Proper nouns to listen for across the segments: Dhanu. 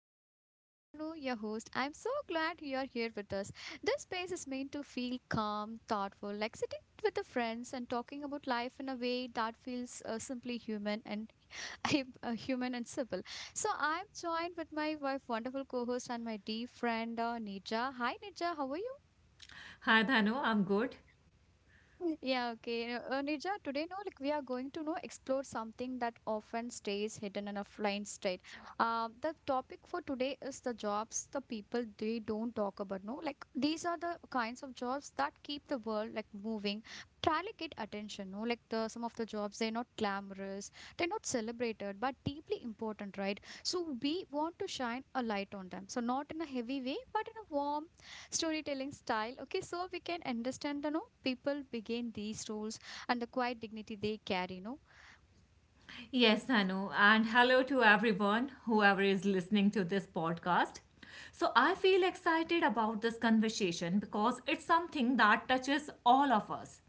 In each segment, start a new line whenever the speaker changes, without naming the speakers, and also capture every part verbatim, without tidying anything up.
podcast. I'm Danu, your host. I'm so glad you are here with us. This space is meant to feel calm, thoughtful, like sitting with the friends and talking about life in a way that feels uh, simply human and uh, human and simple. So I'm joined with my wife, wonderful co-host, and my dear friend uh, Nija. Hi Nija, how are you?
Hi, Dhanu. I'm good.
Yeah, okay. You know, Uh, Nirja, today, no, like we are going to know explore something that often stays hidden in a blind state. Um, the topic for today is the jobs the people they don't talk about. No, like these are the kinds of jobs that keep the world like moving. Rarely get attention. No, like the some of the jobs they're not glamorous, they're not celebrated, but deeply important, right? So we want to shine a light on them. So not in a heavy way, but in a warm, storytelling style, okay, so we can understand the no people begin these roles and the quiet dignity they carry, no.
Yes, Dhanu. And hello to everyone, whoever is listening to this podcast. So, I feel excited about this conversation because it's something that touches all of us.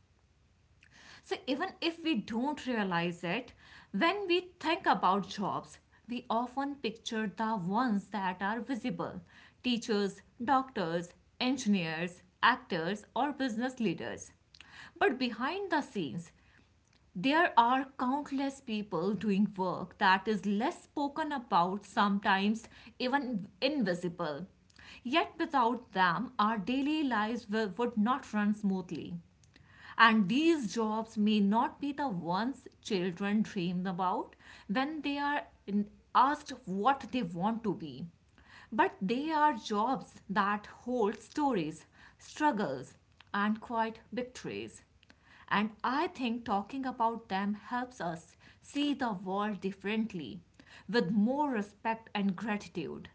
So, even if we don't realize it, when we think about jobs, we often picture the ones that are visible teachers, doctors, engineers, actors, or business leaders. But behind the scenes, there are countless people doing work that is less spoken about, sometimes even invisible. Yet without them, our daily lives will, would not run smoothly. And these jobs may not be the ones children dream about when they are in- asked what they want to be. But they are jobs that hold stories, struggles, and quiet victories. And I think talking about them helps us see the world differently, with more respect and gratitude.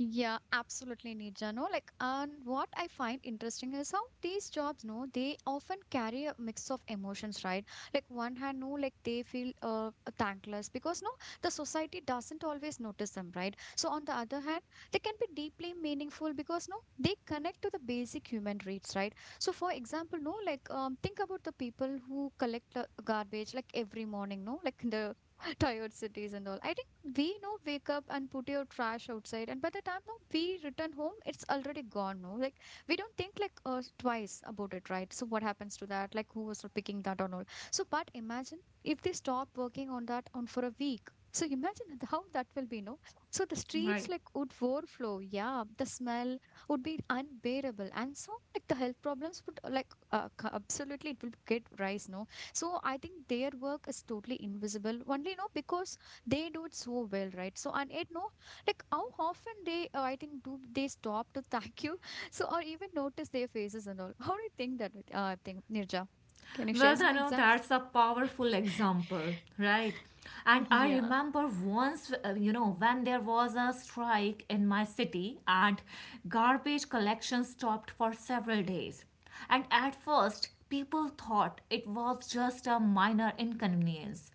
Yeah, absolutely, Nirja. No, like, and what I find interesting is how these jobs, no, they often carry a mix of emotions, right? Like, one hand, no, like they feel uh, thankless because no, the society doesn't always notice them, right? So on the other hand, they can be deeply meaningful because no, they connect to the basic human needs, right? So for example, no, like um, think about the people who collect uh, garbage like every morning, no, like the tired cities and all. I think we know wake up and put your trash outside, and by the time no, we return home, it's already gone. No, like we don't think like uh, twice about it, right? So what happens to that? Like who was picking that and all? So but imagine if they stop working on that on for a week. So imagine th- how that will be, no? So the streets
Right.
like would overflow. Yeah, the smell would be unbearable, and so like the health problems would uh, like uh, c- absolutely it will get rise, no? So I think their work is totally invisible only, you know, because they do it so well, right? So and it no, like how often they, uh, I think, do they stop to thank you, so or even notice their faces and all. How do you think that? with- Uh, I think Nirja, can you share
Well,
some
Dhanu,
examples?
that's a powerful example, right? And I
Yeah.
remember once, uh, you know, when there was a strike in my city and garbage collection stopped for several days. And at first, people thought it was just a minor inconvenience.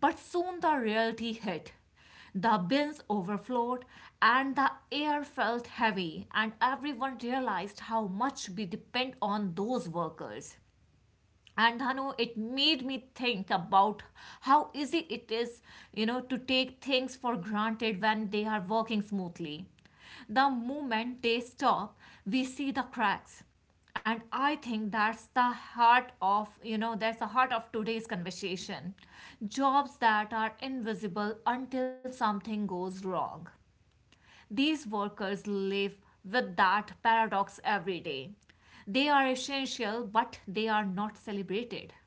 But soon the reality hit. The bins overflowed and the air felt heavy, and everyone realized how much we depend on those workers. And Dhanu, it made me think about how easy it is, you know, to take things for granted when they are working smoothly. The moment they stop, we see the cracks. And I think that's the heart of, you know, that's the heart of today's conversation. Jobs that are invisible until something goes wrong. These workers live with that paradox every day. They are essential, but they are not celebrated.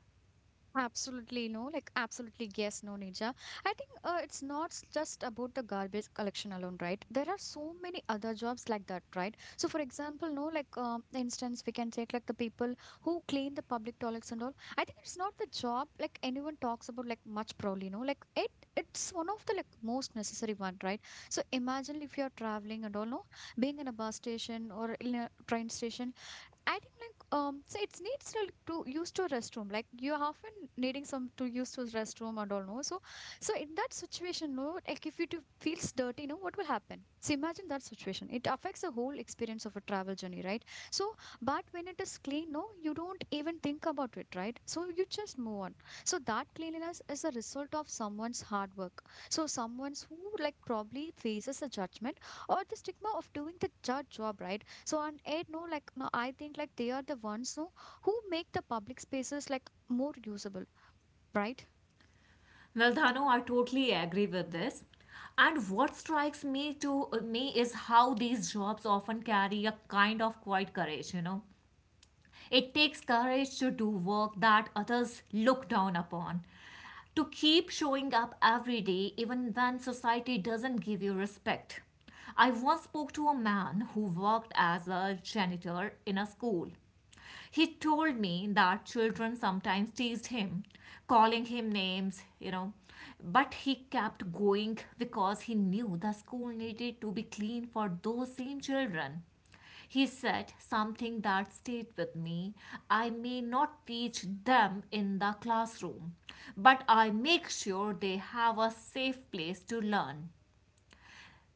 Absolutely no, like absolutely yes, no, Nija. I think uh, it's not s- just about the garbage collection alone, right? There are so many other jobs like that, right? So, for example, no, like um, instance, we can take like the people who clean the public toilets and all. I think it's not the job like anyone talks about like much proudly, no, like it it's one of the like most necessary one, right? So imagine if you're traveling and all, no, being in a bus station or in a train station. I think like um so it's needs to to use to restroom, like you are often needing some to use to restroom and all, no. So so in that situation, no, like if it feels dirty, no, what will happen? So imagine that situation, it affects the whole experience of a travel journey, right? So but when it is clean, no, you don't even think about it, right? So you just move on. So that cleanliness is a result of someone's hard work. So someone's who like probably faces a judgment or the stigma of doing the judge job, right? So on eight, no, like no, I think like they are the ones, no, who make the public spaces like more usable, right?
Well, Dhanu, I totally agree with this. And what strikes me to me is how these jobs often carry a kind of quiet courage, you know. It takes courage to do work that others look down upon. To keep showing up every day, even when society doesn't give you respect. I once spoke to a man who worked as a janitor in a school. He told me that children sometimes teased him, calling him names, you know, but he kept going because he knew the school needed to be clean for those same children. He said something that stayed with me. I may not teach them in the classroom, but I make sure they have a safe place to learn.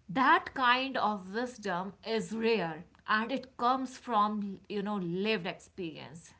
That kind of wisdom is rare, and it comes from, you know, lived experience,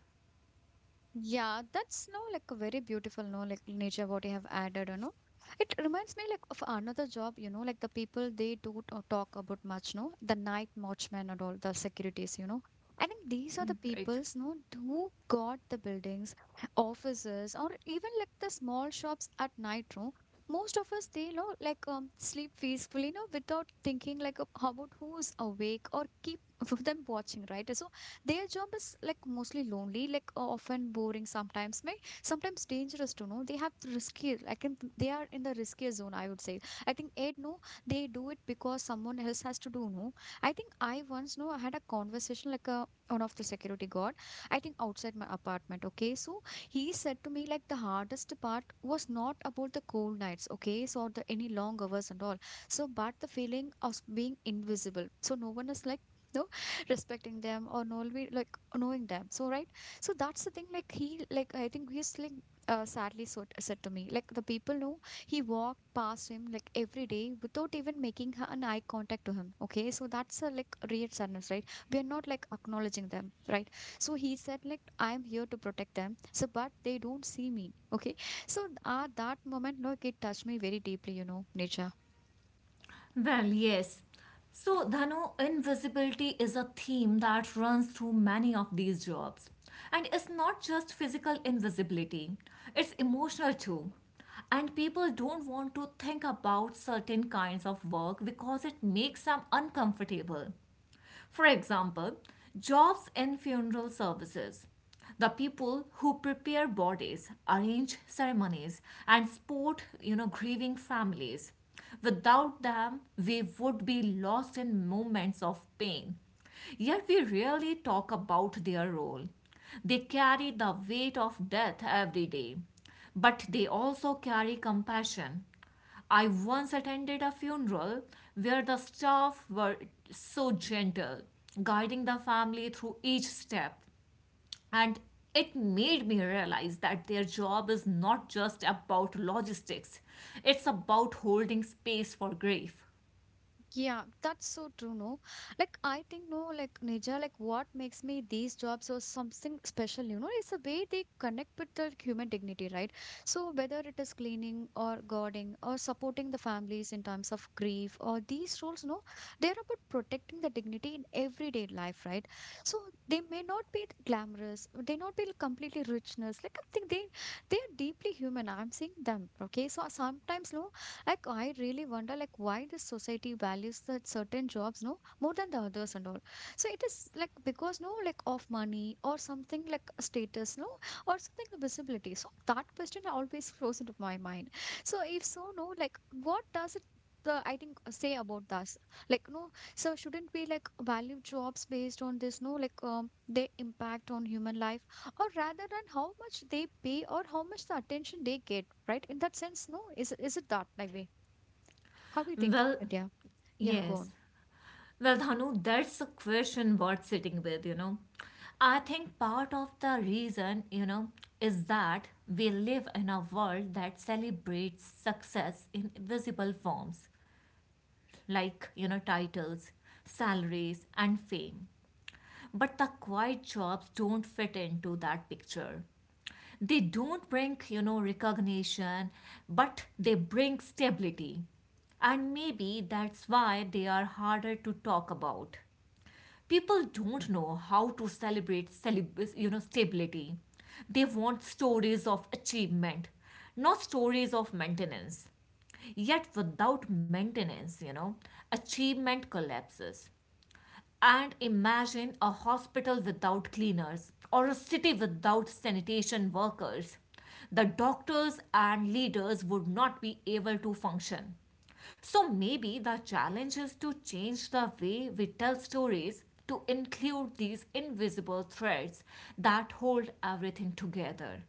Yeah, that's no like a very beautiful no like nature what you have added, you know. It reminds me like of another job, you know, like the people they do t- talk about much, no, the night watchmen and all the securities, you know. I think these are the
right?
peoples, no, who got the buildings, offices, or even like the small shops at night, no. Most of us, they know like um, sleep peacefully, no, without thinking like uh, about who's awake or keep them watching, right? So their job is like mostly lonely, like uh, often boring sometimes, may sometimes dangerous to know. They have the risky, I can they are in the riskier zone, I would say. I think Ed no, they do it because someone else has to do, no. I think I once know I had a conversation like a one of the security guard, I think outside my apartment. Okay. So he said to me like the hardest part was not about the cold nights, okay, so or the any long hours and all. So but the feeling of being invisible. So no one is like no respecting them or know, like knowing them. So right, so that's the thing. Like he, like I think he's like uh, sadly so, said to me, like the people know he walked past him like every day without even making her an eye contact to him. Okay, so that's a like real sadness, right? We are not like acknowledging them, right? So he said like I am here to protect them. So but they don't see me. Okay, so uh, that moment like it touched me very deeply. You know, Nisha.
Well, yes. So, Dhanu, invisibility is a theme that runs through many of these jobs. And it's not just physical invisibility, it's emotional too. And people don't want to think about certain kinds of work because it makes them uncomfortable. For example, jobs in funeral services. The people who prepare bodies, arrange ceremonies, and support, you know, grieving families. Without them, we would be lost in moments of pain. Yet we rarely talk about their role. They carry the weight of death every day, but they also carry compassion. I once attended a funeral where the staff were so gentle, guiding the family through each step. And it made me realize that their job is not just about logistics, it's about holding space for grief.
Yeah, that's so true, no? Like, I think, no, like, Nija, like, what makes me these jobs or something special, you know, is the way they connect with the human dignity, right? So, whether it is cleaning or guarding or supporting the families in times of grief or these roles, no, they're about protecting the dignity in everyday life, right? So, they may not be glamorous, they not be completely richness. Like, I think they, they are deeply human. I'm seeing them, okay? So, sometimes, no, like I really wonder like why this society values that certain jobs no more than the others and all. So it is like because no like of money or something like status no or something the visibility. So that question always flows into my mind. So if so no like what does it the I think uh, say about us like no so shouldn't we like value jobs based on this no like um, their impact on human life or rather than how much they pay or how much the attention they get, right? In that sense, no, is is it that like way? How do you think,
Well,
Aditya? Yeah, go
yes.
on.
Well, Dhanu, that's a question worth sitting with, you know. I think part of the reason, you know, is that we live in a world that celebrates success in visible forms, like, you know, titles, salaries, and fame. But the quiet jobs don't fit into that picture. They don't bring, you know, recognition, but they bring stability. And maybe that's why they are harder to talk about. People don't know how to celebrate celeb- you know, stability. They want stories of achievement, not stories of maintenance. Yet without maintenance, you know, achievement collapses. And imagine a hospital without cleaners or a city without sanitation workers. The doctors and leaders would not be able to function. So maybe the challenge is to change the way we tell stories to include these invisible threads that hold everything together,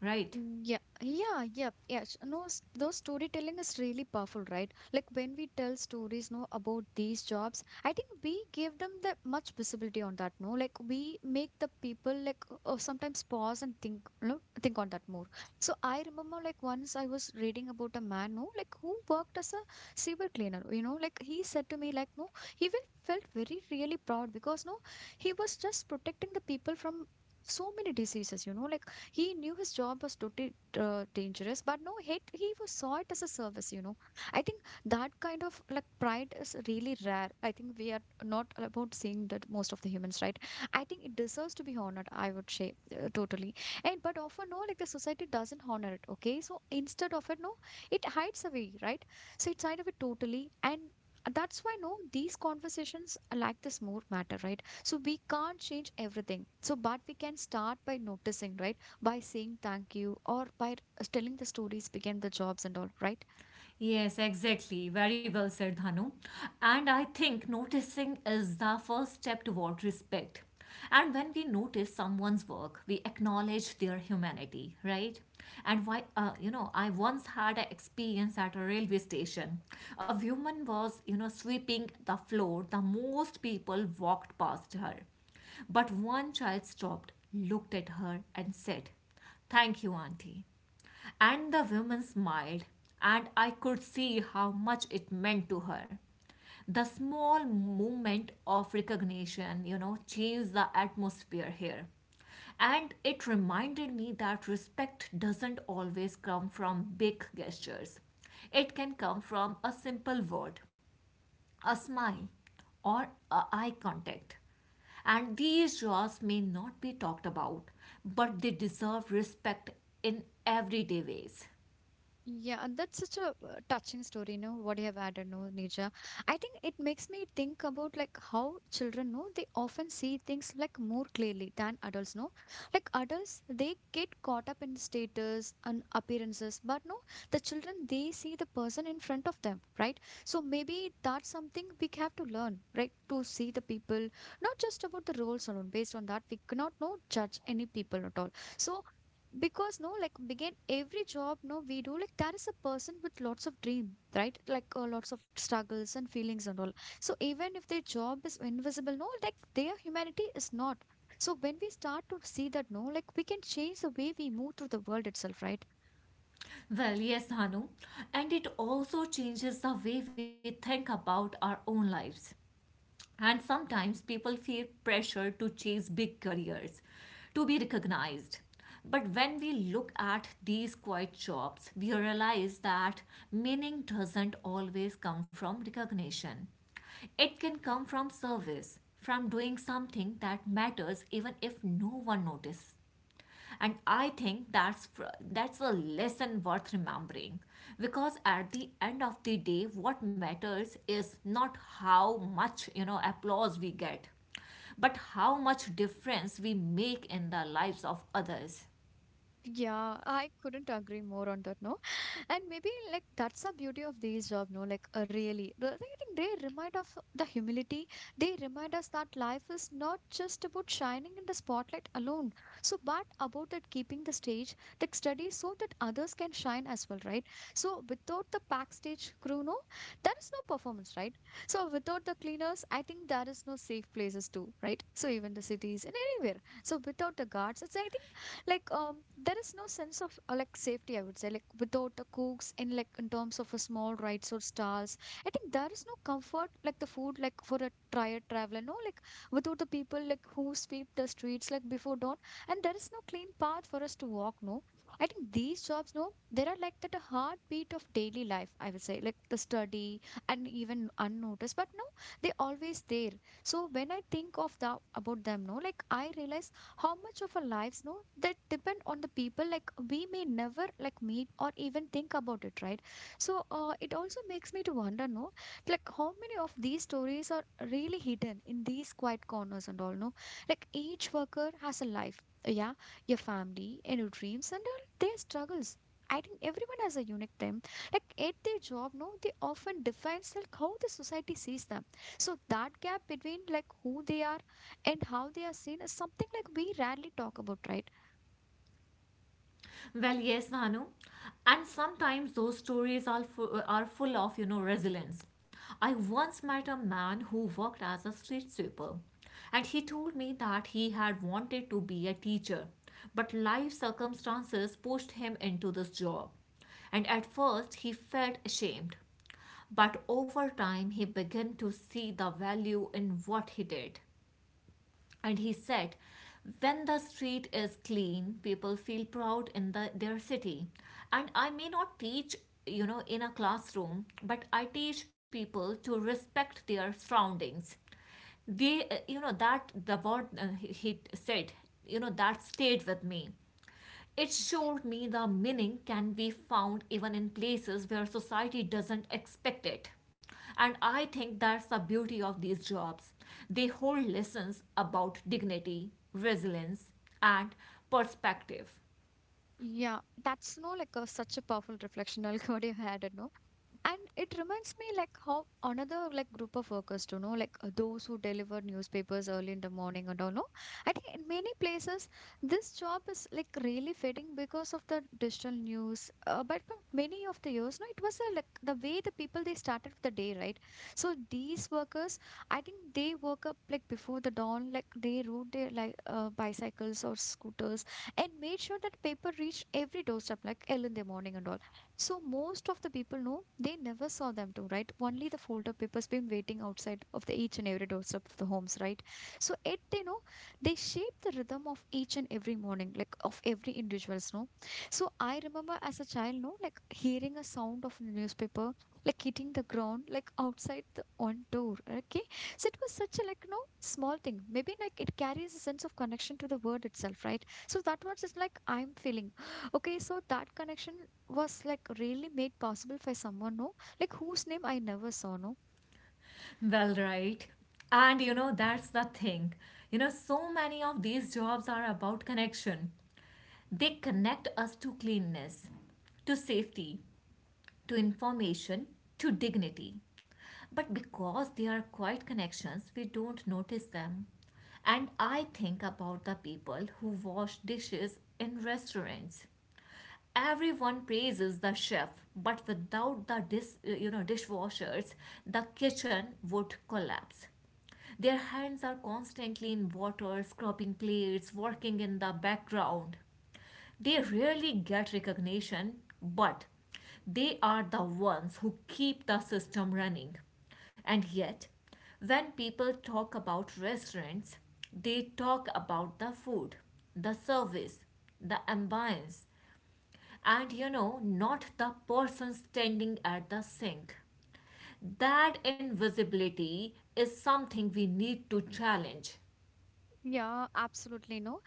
right?
Mm, yeah, yeah, yeah, yeah. s- No, s- those storytelling is really powerful, right? Like when we tell stories, no, about these jobs, I think we give them the much visibility on that, no? Like we make the people like uh, sometimes pause and think, no, think on that more. So I remember like once I was reading about a man, no, like who worked as a sewer cleaner, you know, like he said to me, like, no, he even felt very really proud because no, he was just protecting the people from so many diseases, you know, like he knew his job was totally uh, dangerous, but no hate. He was saw it as a service, you know. I think that kind of like pride is really rare. I think we are not about seeing that most of the humans, right? I think it deserves to be honored. I would say uh, totally. And but often no, like the society doesn't honor it. Okay, so instead of it, no, it hides away, right? So it's kind of it totally and. That's why no, these conversations are like this more matter, right? So we can't change everything. So, but we can start by noticing, right? By saying thank you or by telling the stories behind the jobs and all, right.
Yes, exactly. Very well said, Dhanu. And I think noticing is the first step toward respect. And when we notice someone's work, we acknowledge their humanity, right? And why, uh, you know, I once had an experience at a railway station. A woman was, you know, sweeping the floor. The most people walked past her. But one child stopped, looked at her, and said, thank you, Auntie. And the woman smiled, and I could see how much it meant to her. The small movement of recognition, you know, changed the atmosphere here. And it reminded me that respect doesn't always come from big gestures. It can come from a simple word, a smile, or a eye contact. And these draws may not be talked about, but they deserve respect in everyday ways.
Yeah, that's such a uh, touching story, you know, what you have added, no, Nija. I think it makes me think about like how children know they often see things like more clearly than adults, no? Like adults, they get caught up in status and appearances, but no, the children, they see the person in front of them, right? So maybe that's something we have to learn, right? To see the people, not just about the roles alone. Based on that, we cannot no judge any people at all. So because no like begin every job no we do like there is a person with lots of dream, right? Like uh, lots of struggles and feelings and all, so even if their job is invisible, no, like their humanity is not. So when we start to see that, no, like we can change the way we move through the world itself, right?
Well, yes, Hanu, and it also changes the way we think about our own lives. And sometimes people feel pressure to chase big careers, to be recognized. But when we look at these quiet jobs, we realize that meaning doesn't always come from recognition. It can come from service, from doing something that matters even if no one notices. And I think that's fr- that's a lesson worth remembering, because at the end of the day what matters is not how much, you know, applause we get, but how much difference we make in the lives of others.
Yeah, I couldn't agree more on that, no. And maybe like that's the beauty of these job, no. Like uh, really, the- I think they remind of the humility. They remind us that life is not just about shining in the spotlight alone. So, but about that keeping the stage, the study, so that others can shine as well, right? So, without the backstage crew, no, there is no performance, right? So, without the cleaners, I think there is no safe places too, right? So, even the cities and anywhere. So, without the guards, it's I think like um there is no sense of uh, like safety, I would say, like without the cooks in like in terms of a small rides or stalls. I think there is no comfort like the food like for a tired traveler, no. Like without the people like who sweep the streets like before dawn, and there is no clean path for us to walk, no. I think these jobs, no, there are like that a heartbeat of daily life, I would say, like the study. And even unnoticed, but no, they always there. So when I think of the about them, no, like I realize how much of our lives, no, that depend on the people like we may never like meet or even think about it, right? So uh, it also makes me to wonder, no, like how many of these stories are really hidden in these quiet corners and all, no. Like each worker has a life, yeah, your family and your dreams and all their struggles. I think everyone has a unique time. Like at their job, no, they often defines like how the society sees them. So that gap between like who they are and how they are seen is something like we rarely talk about, right?
Well, yes, Bhanu. And sometimes those stories are, fu- are full of, you know, resilience. I once met a man who worked as a street sweeper, and he told me that he had wanted to be a teacher, but life circumstances pushed him into this job. And at first, he felt ashamed. But over time, he began to see the value in what he did. And he said, when the street is clean, people feel proud in the, their city. And I may not teach, you know, in a classroom, but I teach people to respect their surroundings. They, uh, you know, that the word uh, he he said, you know, that stayed with me. It showed me the meaning can be found even in places where society doesn't expect it. And I think that's the beauty of these jobs. They hold lessons about dignity, resilience, and perspective.
Yeah, that's no like a, such a powerful reflection. I'll go you had it, no? And it reminds me like how another like group of workers to know, like uh, those who deliver newspapers early in the morning and all, no. I think in many places this job is like really fading because of the digital news. Uh, but for many of the years, no, it was uh, like the way the people they started the day, right? So these workers, I think they woke up like before the dawn, like they rode their like uh, bicycles or scooters, and made sure that paper reached every doorstep like early in the morning and all. So most of the people know they never saw them too, right? Only the folder papers been waiting outside of the each and every doorstep of the homes, right? So it they know they shape the rhythm of each and every morning, like of every individuals, no. So I remember as a child, no, like hearing a sound of the newspaper, like hitting the ground, like outside the on door. Okay. So it was such a like no small thing. Maybe like it carries a sense of connection to the word itself, right? So that was just like I'm feeling okay, so that connection was like really made possible by someone, no, like whose name I never saw, no.
Well, right. And you know, that's the thing. You know, so many of these jobs are about connection. They connect us to cleanness, to safety, to information, to dignity. But because they are quiet connections, we don't notice them. And I think about the people who wash dishes in restaurants. Everyone praises the chef, but without the dis, you know, dishwashers, the kitchen would collapse. Their hands are constantly in water, scrubbing plates, working in the background. They rarely get recognition, but they are the ones who keep the system running. And yet, when people talk about restaurants, they talk about the food, the service, the ambience, and, you know, not the person standing at the sink. That invisibility is something we need to challenge.
Yeah, absolutely, no.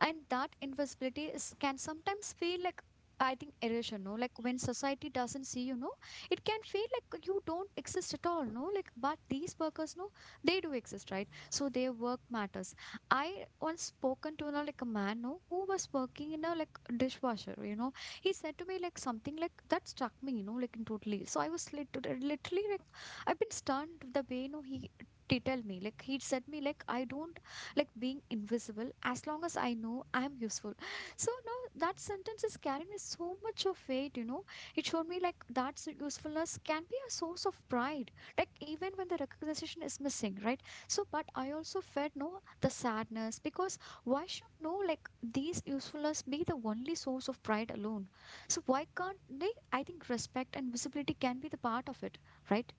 And that invisibility is can sometimes feel like I think erosion, no? Like when society doesn't see you, no, it can feel like you don't exist at all, no? Like, but these workers, no, they do exist, right? So their work matters. I once spoken to, you know, like a man, no, who was working in a like dishwasher, you know. He said to me like something like that struck me, you know, like in totally. So I was lit- literally like, I've been stunned the way, you know, he did tell me like he said me like I don't like being invisible as long as I know I'm useful. So now that sentence is carrying me so much of weight, you know. It showed me like that s- usefulness can be a source of pride, like even when the recognition is missing, right? So, but I also felt no the sadness because why should no like these usefulness be the only source of pride alone? So why can't they? I think respect and visibility can be the part of it, right?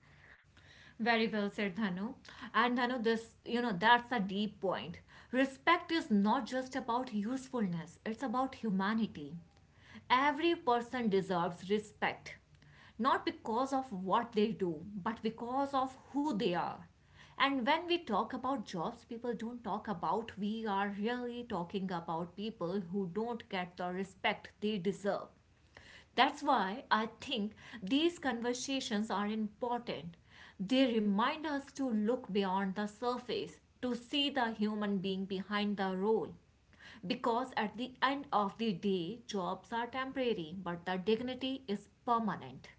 Very well said, Dhanu. And Dhanu, this, you know, that's a deep point. Respect is not just about usefulness, it's about humanity. Every person deserves respect, not because of what they do, but because of who they are. And when we talk about jobs people don't talk about, we are really talking about people who don't get the respect they deserve. That's why I think these conversations are important. They remind us to look beyond the surface, to see the human being behind the role. Because at the end of the day, jobs are temporary, but the dignity is permanent.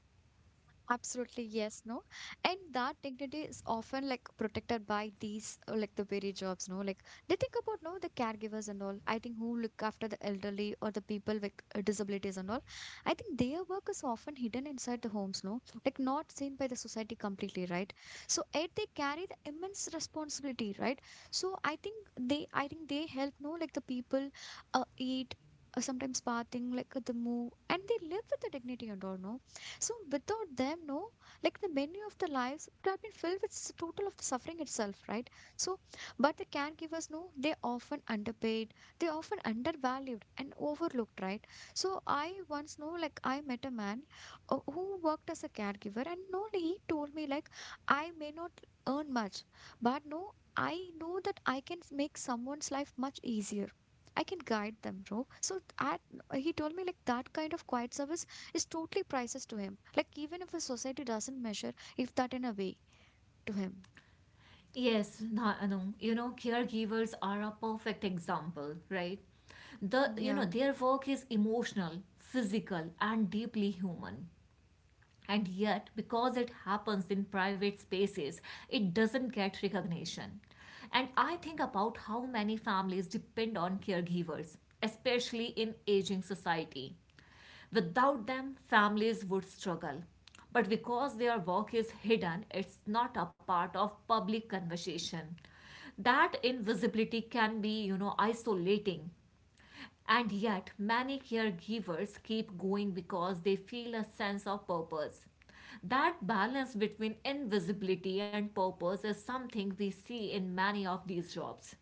Absolutely, yes, no. And that dignity is often like protected by these uh, like the very jobs, no. Like they think about no the caregivers and all. I think who look after the elderly or the people with uh, disabilities and all. I think their work is often hidden inside the homes, no. Like not seen by the society completely, right? So yet they carry the immense responsibility, right? So I think they I think they help no like the people uh, eat. uh, Sometimes bathing, like uh, the move, and they live with the dignity and all, no? So without them, no, like the menu of the lives would have been filled with s- total of the suffering itself, right? So, but the caregivers, no, they often underpaid, they often undervalued and overlooked, right? So I once know, like I met a man uh, who worked as a caregiver, and no, he told me like I may not earn much, but no, I know that I can make someone's life much easier. I can guide them, bro. So that he told me like that kind of quiet service is totally priceless to him. Like, even if a society doesn't measure if that in a way to him.
Yes, Na- Anu, you know, caregivers are a perfect example, right? The, you know,
Yeah.
their work is emotional, physical, and deeply human. And yet, because it happens in private spaces, it doesn't get recognition. And I think about how many families depend on caregivers, especially in aging society. Without them, families would struggle. But because their work is hidden, it's not a part of public conversation. That invisibility can be, you know, isolating. And yet, many caregivers keep going because they feel a sense of purpose. That balance between invisibility and purpose is something we see in many of these jobs.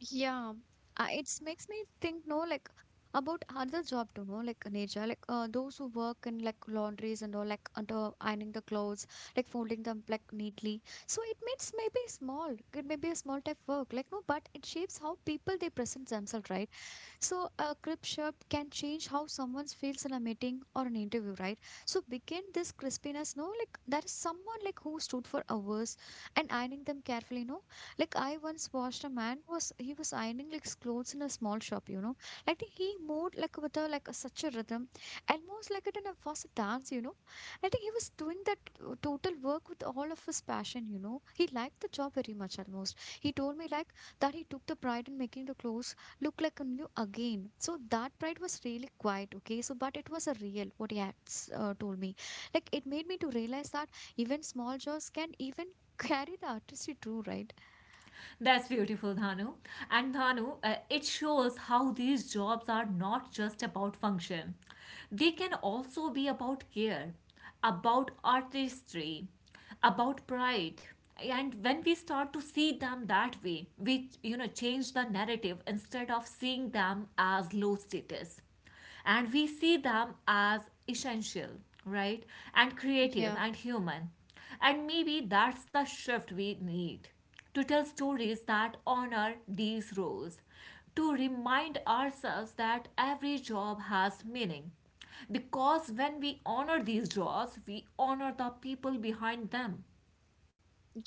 Yeah. Uh, it makes me think, no, like, about other job to know, like nature, like uh, those who work in like laundries and all, like under ironing the clothes, like folding them like neatly. So it means maybe small, it may be a small type work, like no, but it shapes how people they present themselves, right? So a crisp shirt can change how someone feels in a meeting or an interview, right? So begin this crispiness, no? Like there is someone like who stood for hours and ironing them carefully, no? Like I once watched a man was he was ironing like his clothes in a small shop, you know. I think he moved like with a like a, such a rhythm, almost like it in a fast dance, you know. I think he was doing that uh, total work with all of his passion, you know. He liked the job very much almost. He told me like that he took the pride in making the clothes look like a new again. So that pride was really quiet, okay? So, but it was a real, what he had s- uh, told me. Like, it made me to realize that even small jobs can even carry the artistry too, right?
That's beautiful, Dhanu. And Dhanu, uh, it shows how these jobs are not just about function, they can also be about care, about artistry, about pride. And when we start to see them that way, we, you know, change the narrative. Instead of seeing them as low status, and we see them as essential, right? And creative
Yeah.
and human. And maybe that's the shift we need, to tell stories that honor these roles, to remind ourselves that every job has meaning. Because when we honor these jobs, we honor the people behind them.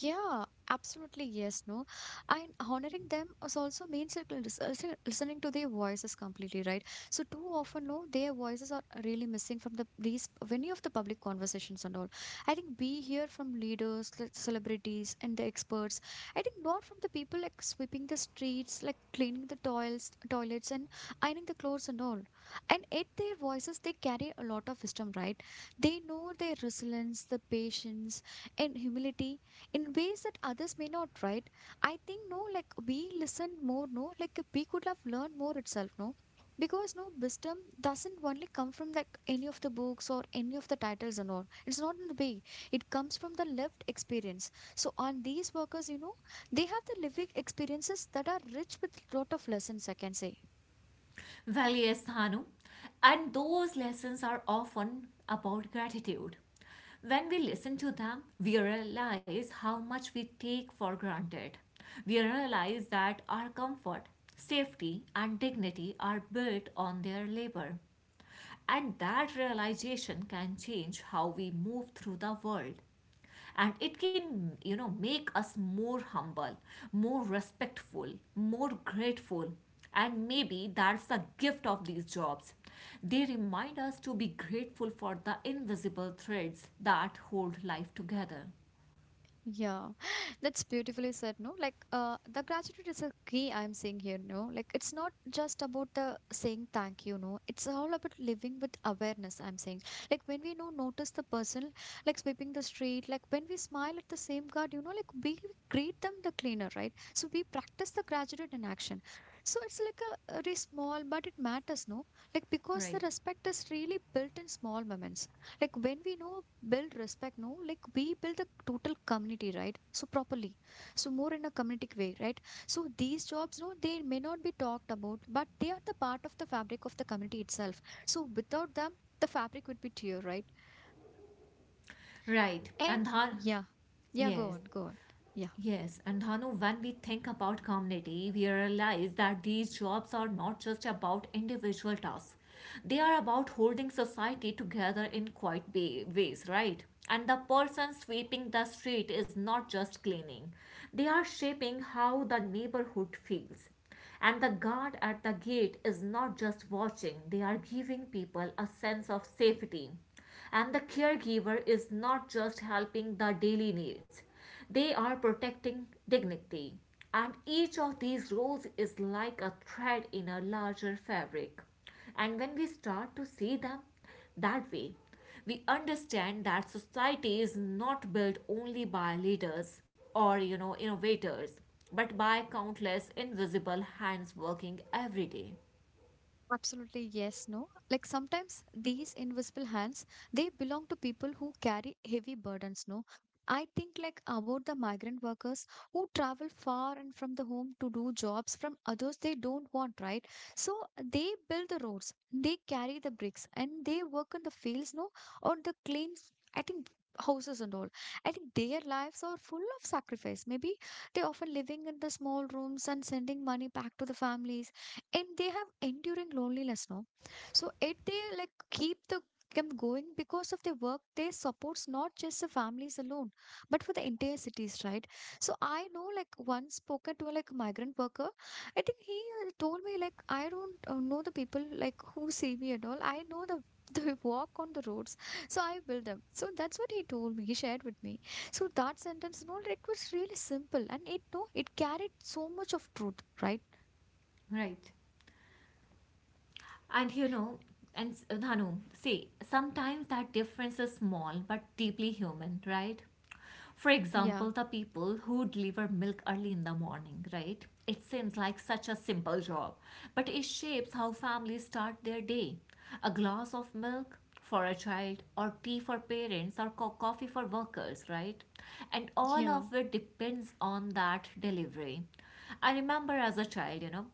Yeah, absolutely. Yes, no. And honoring them is also means it lis- uh, listen- listening to their voices completely, right? So too often, no, their voices are really missing from the these many of the public conversations and all. I think we hear from leaders, like celebrities, and the experts. I think not from the people like sweeping the streets, like cleaning the toils, toilets, and ironing the clothes and all. And at their voices, they carry a lot of wisdom, right? They know their resilience, the patience, and humility in ways that others may not, right? I think, no, like we listen more, no, like we could have learned more itself, no? Because, no, wisdom doesn't only come from like any of the books or any of the titles and all. It's not in the way. It comes from the lived experience. So, on these workers, you know, they have the living experiences that are rich with lot of lessons, I can say.
Valles Thanu. And those lessons are often about gratitude. When we listen to them, we realize how much we take for granted. We realize that our comfort, safety, and dignity are built on their labor. And that realization can change how we move through the world. And it can, you know, make us more humble, more respectful, more grateful. And maybe that's the gift of these jobs. They remind us to be grateful for the invisible threads that hold life together.
Yeah, that's beautifully said, no? Like, uh, the gratitude is a key I'm seeing here, no? Like, it's not just about the saying thank you, no? It's all about living with awareness, I'm saying. Like, when we know, notice the person, like sweeping the street, like when we smile at the same guard, you know, like we greet them the cleaner, right? So we practice the gratitude in action. So it's like a a very small, but it matters, no? Like, because the
Right.
respect is really built in small moments, like when we know build respect, no, like we build the total community, right? So properly, so more in a community way, right? So these jobs, no, they may not be talked about, but they are the part of the fabric of the community itself. So without them, the fabric would be tear, right?
Right.
And
And Dhar,
yeah, yeah, go
yes.
on go on yeah.
Yes, and Dhanu, when we think about community, we realize that these jobs are not just about individual tasks. They are about holding society together in quite wa- ways, right? And the person sweeping the street is not just cleaning, they are shaping how the neighborhood feels. And the guard at the gate is not just watching, they are giving people a sense of safety. And the caregiver is not just helping the daily needs, they are protecting dignity. And each of these roles is like a thread in a larger fabric. And when we start to see them that way, we understand that society is not built only by leaders or you know innovators, but by countless invisible hands working every day.
Absolutely, yes, no. Like sometimes these invisible hands, they belong to people who carry heavy burdens, no. I think like about the migrant workers who travel far and from the home to do jobs from others they don't want, right? So they build the roads, they carry the bricks, and they work in the fields, no, or the clean, I think houses and all. I think their lives are full of sacrifice. Maybe they often living in the small rooms and sending money back to the families and they have enduring loneliness, no, so it they like keep the them going because of their work they supports not just the families alone but for the entire cities, right? So I know, like, once spoken to a like migrant worker. I think he uh, told me, like, I don't uh, know the people like who see me and all. I know the they walk on the roads, so I build them. So that's what he told me, he shared with me. So that sentence, no, it was really simple and it, no, it carried so much of truth, right?
Right. And you know, and s- Dhanu, see, sometimes that difference is small but deeply human, right? For
Yeah,
example, the people who deliver milk early in the morning, right? It seems like such a simple job, but it shapes how families start their day. A glass of milk for a child, or tea for parents, or co- coffee for workers, right? And all
yeah.
of it depends on that delivery. I remember as a child, you know,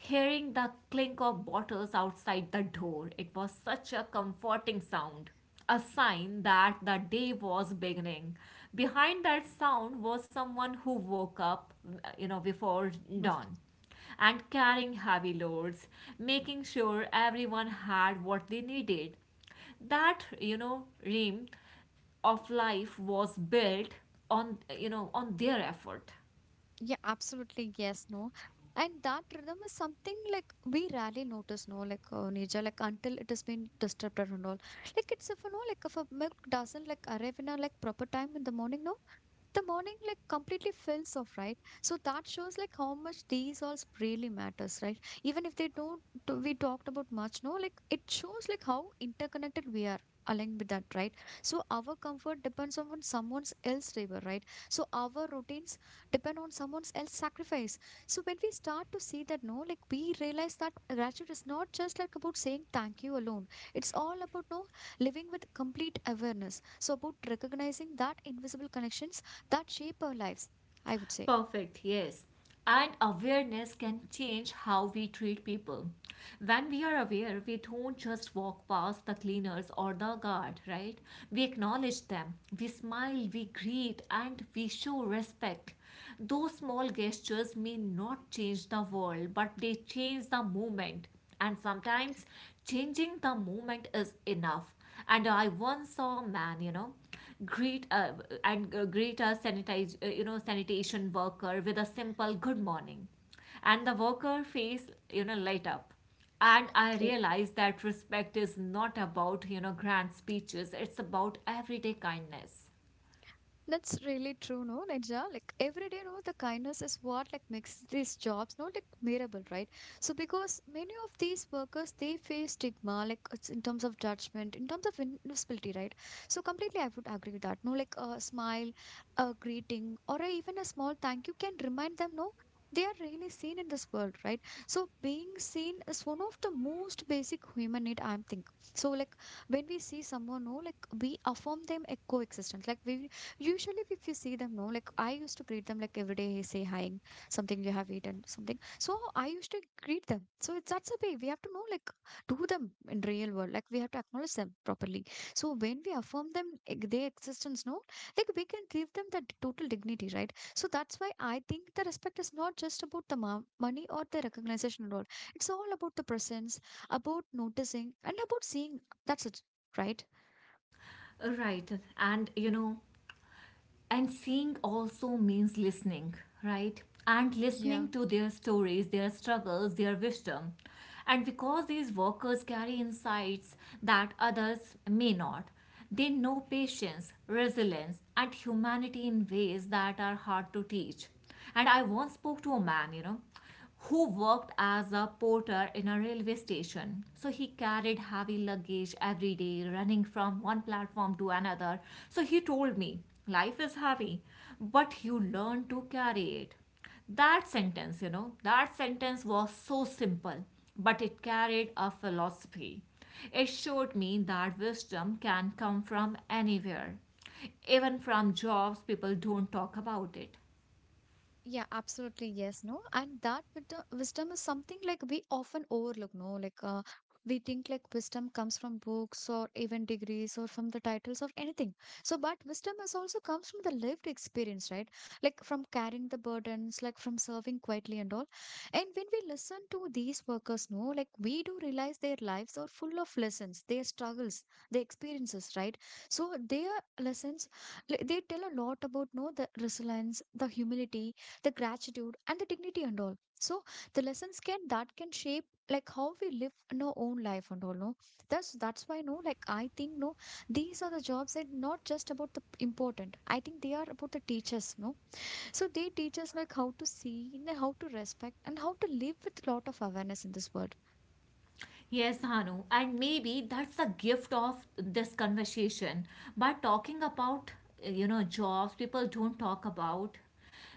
hearing the clink of bottles outside the door, it was such a comforting sound, a sign that the day was beginning. Behind that sound was someone who woke up, you know, before
Yes.
dawn and carrying heavy loads, making sure everyone had what they needed. That, you know, ream of life was built on, you know, on their effort.
Yeah, absolutely. Yes, no. And that rhythm is something like we rarely notice, no, like uh, Nija, like until it has been disrupted and all. Like it's if you know, like if a milk doesn't like arrive in a like proper time in the morning, no, the morning like completely fills off, right? So that shows like how much these all really matters, right? Even if they don't, t- we talked about much, no, like it shows like how interconnected we are. Aligned with that, right? So our comfort depends on someone else's labor, right? So our routines depend on someone else's sacrifice. So when we start to see that, no, like we realize that gratitude is not just like about saying thank you alone. It's all about, no, living with complete awareness. So about recognizing that invisible connections that shape our lives, I would say.
Perfect, yes. And awareness can change how we treat people. When we are aware, we don't just walk past the cleaners or the guard, right? We acknowledge them, we smile, we greet, and we show respect. Those small gestures may not change the world, but they change the moment. And sometimes changing the moment is enough. And I once saw a man, you know, greet uh, and uh, greet a sanitize uh, you know sanitation worker with a simple good morning, and the worker face, you know light up, and I
Okay.
realized that respect is not about, you know grand speeches. It's about everyday kindness.
That's really true, no, Neja. Like every day, no, the kindness is what like makes these jobs, no, like memorable, right? So because many of these workers, they face stigma, like it's in terms of judgment, in terms of invisibility, right? So completely, I would agree with that. No, like a smile, a greeting, or a, even a small thank you can remind them, no, they are really seen in this world, right? So being seen is one of the most basic human need, I think. So like when we see someone, no, like we affirm them a coexistence. Like we usually, if you see them, no, like I used to greet them like every day, "Hey, say hi, something you have eaten, something." So I used to greet them. So it's that's the way we have to know, like, do them in real world. Like we have to acknowledge them properly. So when we affirm them, eg- their existence, no, like we can give them that total dignity, right? So that's why I think the respect is not just about the mo- money or the recognition at all. It's all about the presence, about noticing, and about seeing. That's it, right?
Right. And you know And seeing also means listening, right? And
Yeah.
listening to their stories, their struggles, their wisdom. And because these workers carry insights that others may not, they know patience, resilience, and humanity in ways that are hard to teach. And I once spoke to a man, you know who worked as a porter in a railway station. So he carried heavy luggage every day, running from one platform to another. So he told me, "Life is heavy, but you learn to carry it." That sentence, you know, that sentence was so simple, but it carried a philosophy. It showed me that wisdom can come from anywhere, even from jobs people don't talk about it.
Yeah, absolutely. Yes, no. And that wisdom, wisdom is something like we often overlook, no? Like, uh, we think like wisdom comes from books or even degrees or from the titles of anything. So, but wisdom is also comes from the lived experience, right? Like from carrying the burdens, like from serving quietly and all. And when we listen to these workers, no, like we do realize their lives are full of lessons, their struggles, their experiences, right? So, their lessons, like, they tell a lot about, no, the resilience, the humility, the gratitude and the dignity and all. So the lessons can that can shape like how we live in our own life and all, no, that's that's why, no, like I think, no, these are the jobs that not just about the important. I think they are about the teachers, no, so they teach us like how to see and how to respect and how to live with lot of awareness in this world.
Yes, Hanu. And maybe that's the gift of this conversation. By talking about, you know, jobs people don't talk about,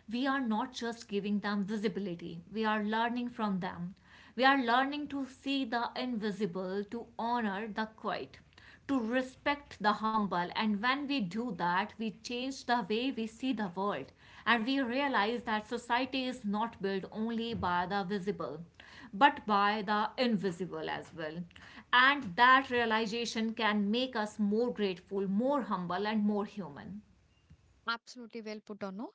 we are not just giving them visibility, we are learning from them. We are learning to see the invisible, to honor the quiet, to respect the humble. And when we do that, we change the way we see the world, and we realize that society is not built only by the visible, but by the invisible as well. And that realization can make us more grateful, more humble, and more human.
Absolutely well put on, no?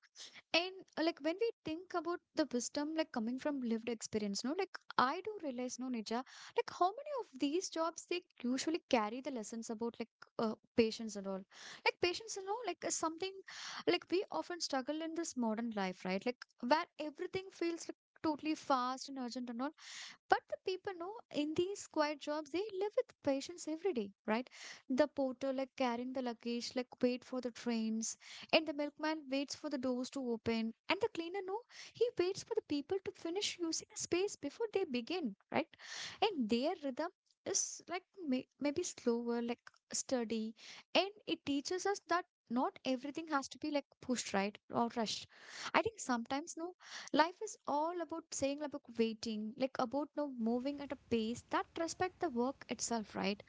And uh, like when we think about the wisdom like coming from lived experience, no, like I do realize, no, Nija, like how many of these jobs they usually carry the lessons about like uh, patience and all. Like patience, you know, like is something like we often struggle in this modern life, right? Like where everything feels like totally fast and urgent and all. But the people know in these quiet jobs, they live with patience every day, right? The porter, like carrying the luggage, like wait for the trains, and the milkman waits for the doors to open, and the cleaner, no, he waits for the people to finish using the space before they begin, right? And their rhythm is like may- maybe slower, like steady, and it teaches us that not everything has to be like pushed, right, or rushed. I think sometimes, no, life is all about saying about waiting, like about now moving at a pace that respect the work itself, right?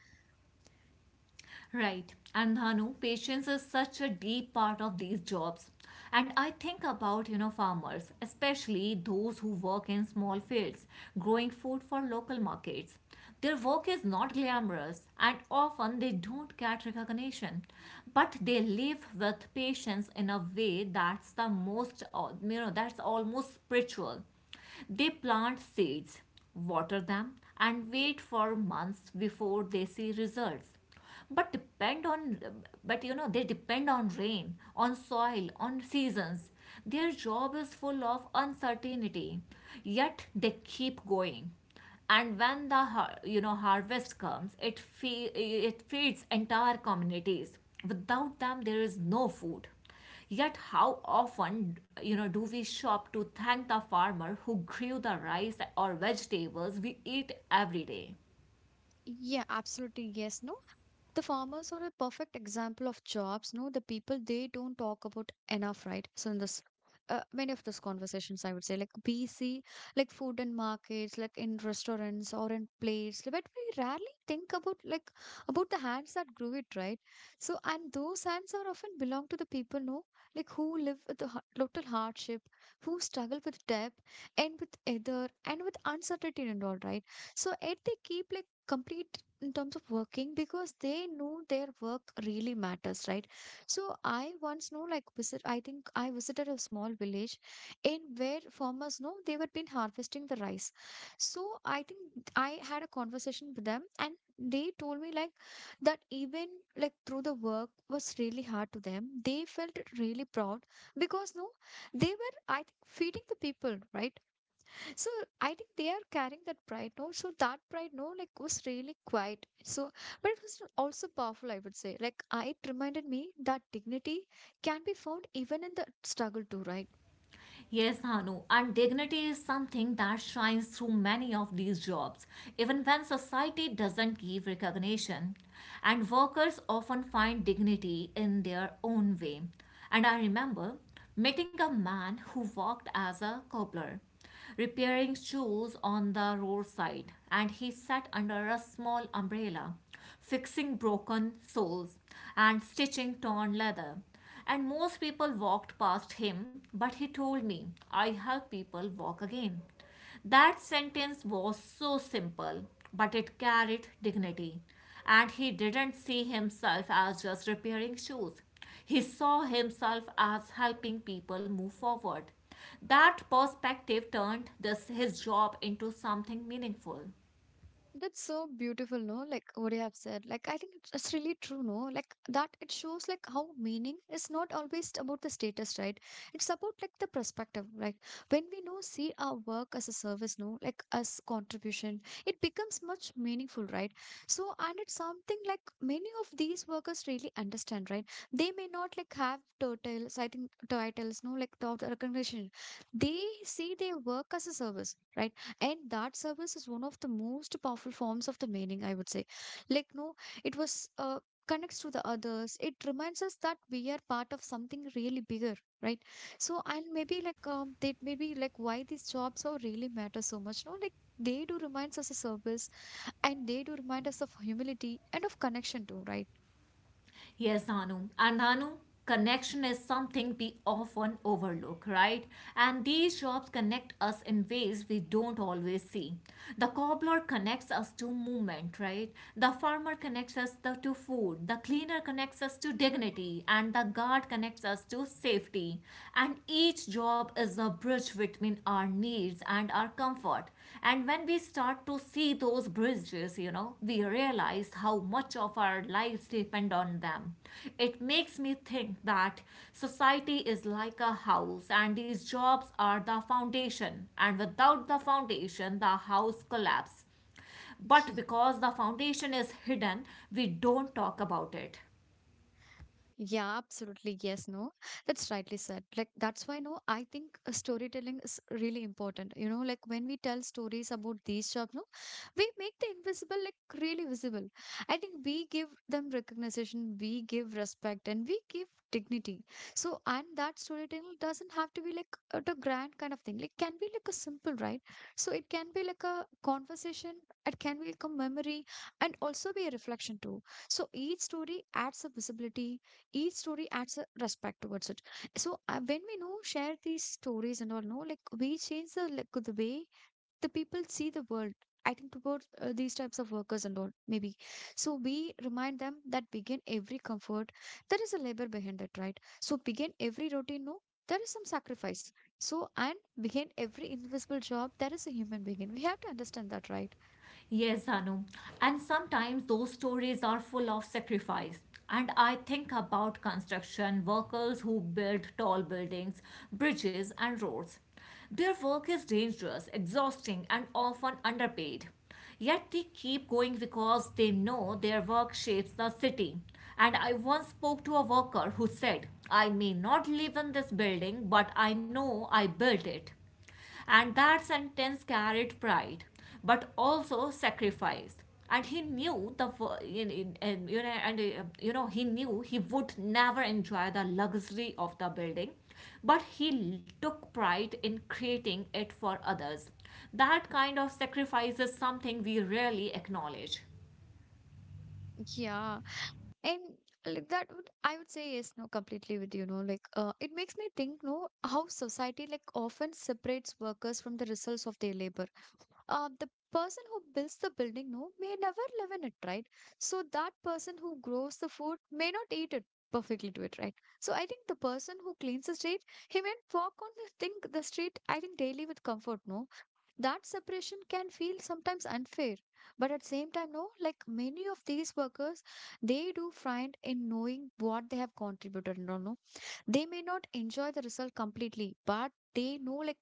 Right. And Dhanu, patience is such a deep part of these jobs. And I think about, you know, farmers, especially those who work in small fields, growing food for local markets. Their work is not glamorous and often they don't get recognition. But they live with patience in a way that's the most, uh, you know, that's almost spiritual. They plant seeds, water them, and wait for months before they see results, but depend on but you know they depend on rain, on soil, on seasons. Their job is full of uncertainty, yet they keep going. And when the har- you know harvest comes, it fe- it feeds entire communities. Without them there is no food. Yet how often, you know do we shop to thank the farmer who grew the rice or vegetables we eat every day?
Yeah, absolutely. Yes, no. The farmers are a perfect example of jobs, no, the people they don't talk about enough, right? So in this uh, many of those conversations I would say like bc like food and markets like in restaurants or in plates, but we rarely think about like about the hands that grew it, right? So and those hands are often belong to the people, no, like who live with the ha- total hardship, who struggle with debt and with either and with uncertainty and all, right? So yet they keep like complete in terms of working because they know their work really matters, right? So I once know like visit I think I visited a small village in where farmers know they were been harvesting the rice. So I think I had a conversation with them and they told me like that even like through the work was really hard to them, they felt really proud, because, no, they were, I think, feeding the people, right? So I think they are carrying that pride, no? So that pride, no, like was really quiet. So, but it was also powerful, I would say. Like I, it reminded me that dignity can be found even in the struggle too, right?
Yes, Hanu, and dignity is something that shines through many of these jobs, even when society doesn't give recognition. And workers often find dignity in their own way. And I remember meeting a man who worked as a cobbler repairing shoes on the roadside, and he sat under a small umbrella, fixing broken soles and stitching torn leather. And most people walked past him, but he told me, "I help people walk again." That sentence was so simple, but it carried dignity. And he didn't see himself as just repairing shoes. He saw himself as helping people move forward. That perspective turned this, his job into something meaningful.
That's so beautiful, no? Like what you have said. Like I think it's it's really true, no? Like that it shows like how meaning is not always about the status, right? It's about like the perspective, right? When we know see our work as a service, no, like as contribution, it becomes much meaningful, right? So and it's something like many of these workers really understand, right? They may not like have titles, I think titles, no, like the the recognition. They see their work as a service, right? And that service is one of the most powerful forms of the meaning, I would say. Like, no, it was uh, connects to the others. It reminds us that we are part of something really bigger, right? So and maybe like um, that maybe like why these jobs are really matter so much, no, like they do reminds us of service and they do remind us of humility and of connection too,
Yes, Anu. And Anu, connection is something we often overlook, right? And these jobs connect us in ways we don't always see. The cobbler connects us to movement, right? The farmer connects us to, to food. The cleaner connects us to dignity. And the guard connects us to safety. And each job is a bridge between our needs and our comfort. And when we start to see those bridges, you know, we realize how much of our lives depend on them. It makes me think that society is like a house and these jobs are the foundation. And without the foundation, the house collapses. But
right?
because the foundation is hidden, we don't talk about it.
Yeah, absolutely. Yes, no. That's rightly said. Like, that's why, no, I think uh, storytelling is really important. You know, like when we tell stories about these jobs, no, we make the invisible like really visible. I think we give them recognition, we give respect, and we give dignity. So, and that storytelling doesn't have to be like a the grand kind of thing. Like can be like a simple, right? So, it can be like a conversation, it can be like a memory, and also be a reflection too. So, each story adds a visibility, each story adds a respect towards it. So uh, when we know share these stories and all know, like we change the like the way the people see the world, I think, towards uh, these types of workers and all, maybe. So we remind them that begin every comfort there is a labor behind it, right? So begin every routine, no, there is some sacrifice. So and behind every invisible job there is a human being, we have to understand that, right?
Yes, Anu. And sometimes those stories are full of sacrifice. And I think about construction workers who build tall buildings, bridges, and roads. Their work is dangerous, exhausting, and often underpaid. Yet they keep going because they know their work shapes the city. And I once spoke to a worker who said, "I may not live in this building, but I know I built it." And that sentence carried pride, but also sacrifice. And he knew the wo- in- in- in- you know, and uh, you know he knew he would never enjoy the luxury of the building, but he l- took pride in creating it for others. That kind of sacrifice is something we rarely acknowledge.
Yeah. And uh, like that would I would say yes, no, completely with you, know, like uh, it makes me think, no, how society like often separates workers from the results of their labor. Uh, the person who builds the building, no, may never live in it, right? So that person who grows the food may not eat it perfectly to it, right? So I think the person who cleans the street, he may walk on the thing the street, I think, daily with comfort, no? That separation can feel sometimes unfair, but at same time, no, like many of these workers, they do find in knowing what they have contributed, no no. They may not enjoy the result completely, but they know, like,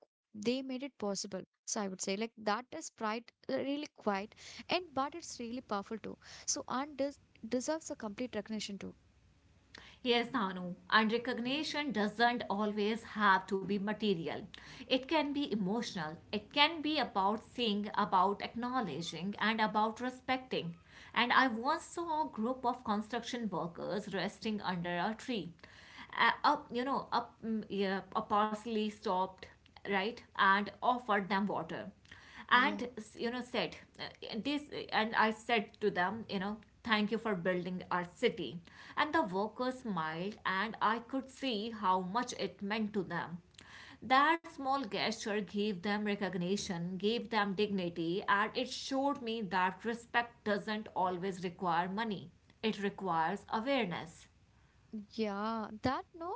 they made it possible. So I would say, like, that is pride, uh, really quiet. And but it's really powerful too. So and des- deserves a complete recognition too.
Yes, Nanu. And recognition doesn't always have to be material. It can be emotional. It can be about seeing, about acknowledging, and about respecting. And I once saw a group of construction workers resting under a tree. Uh, up, you know, up, mm, Yeah, a parsley stopped, right, and offered them water,
yeah
and you know said uh, this and I said to them, you know "Thank you for building our city." And the workers smiled, and I could see how much it meant to them. That small gesture gave them recognition, gave them dignity, and it showed me that respect doesn't always require money. It requires awareness.
yeah, that, no,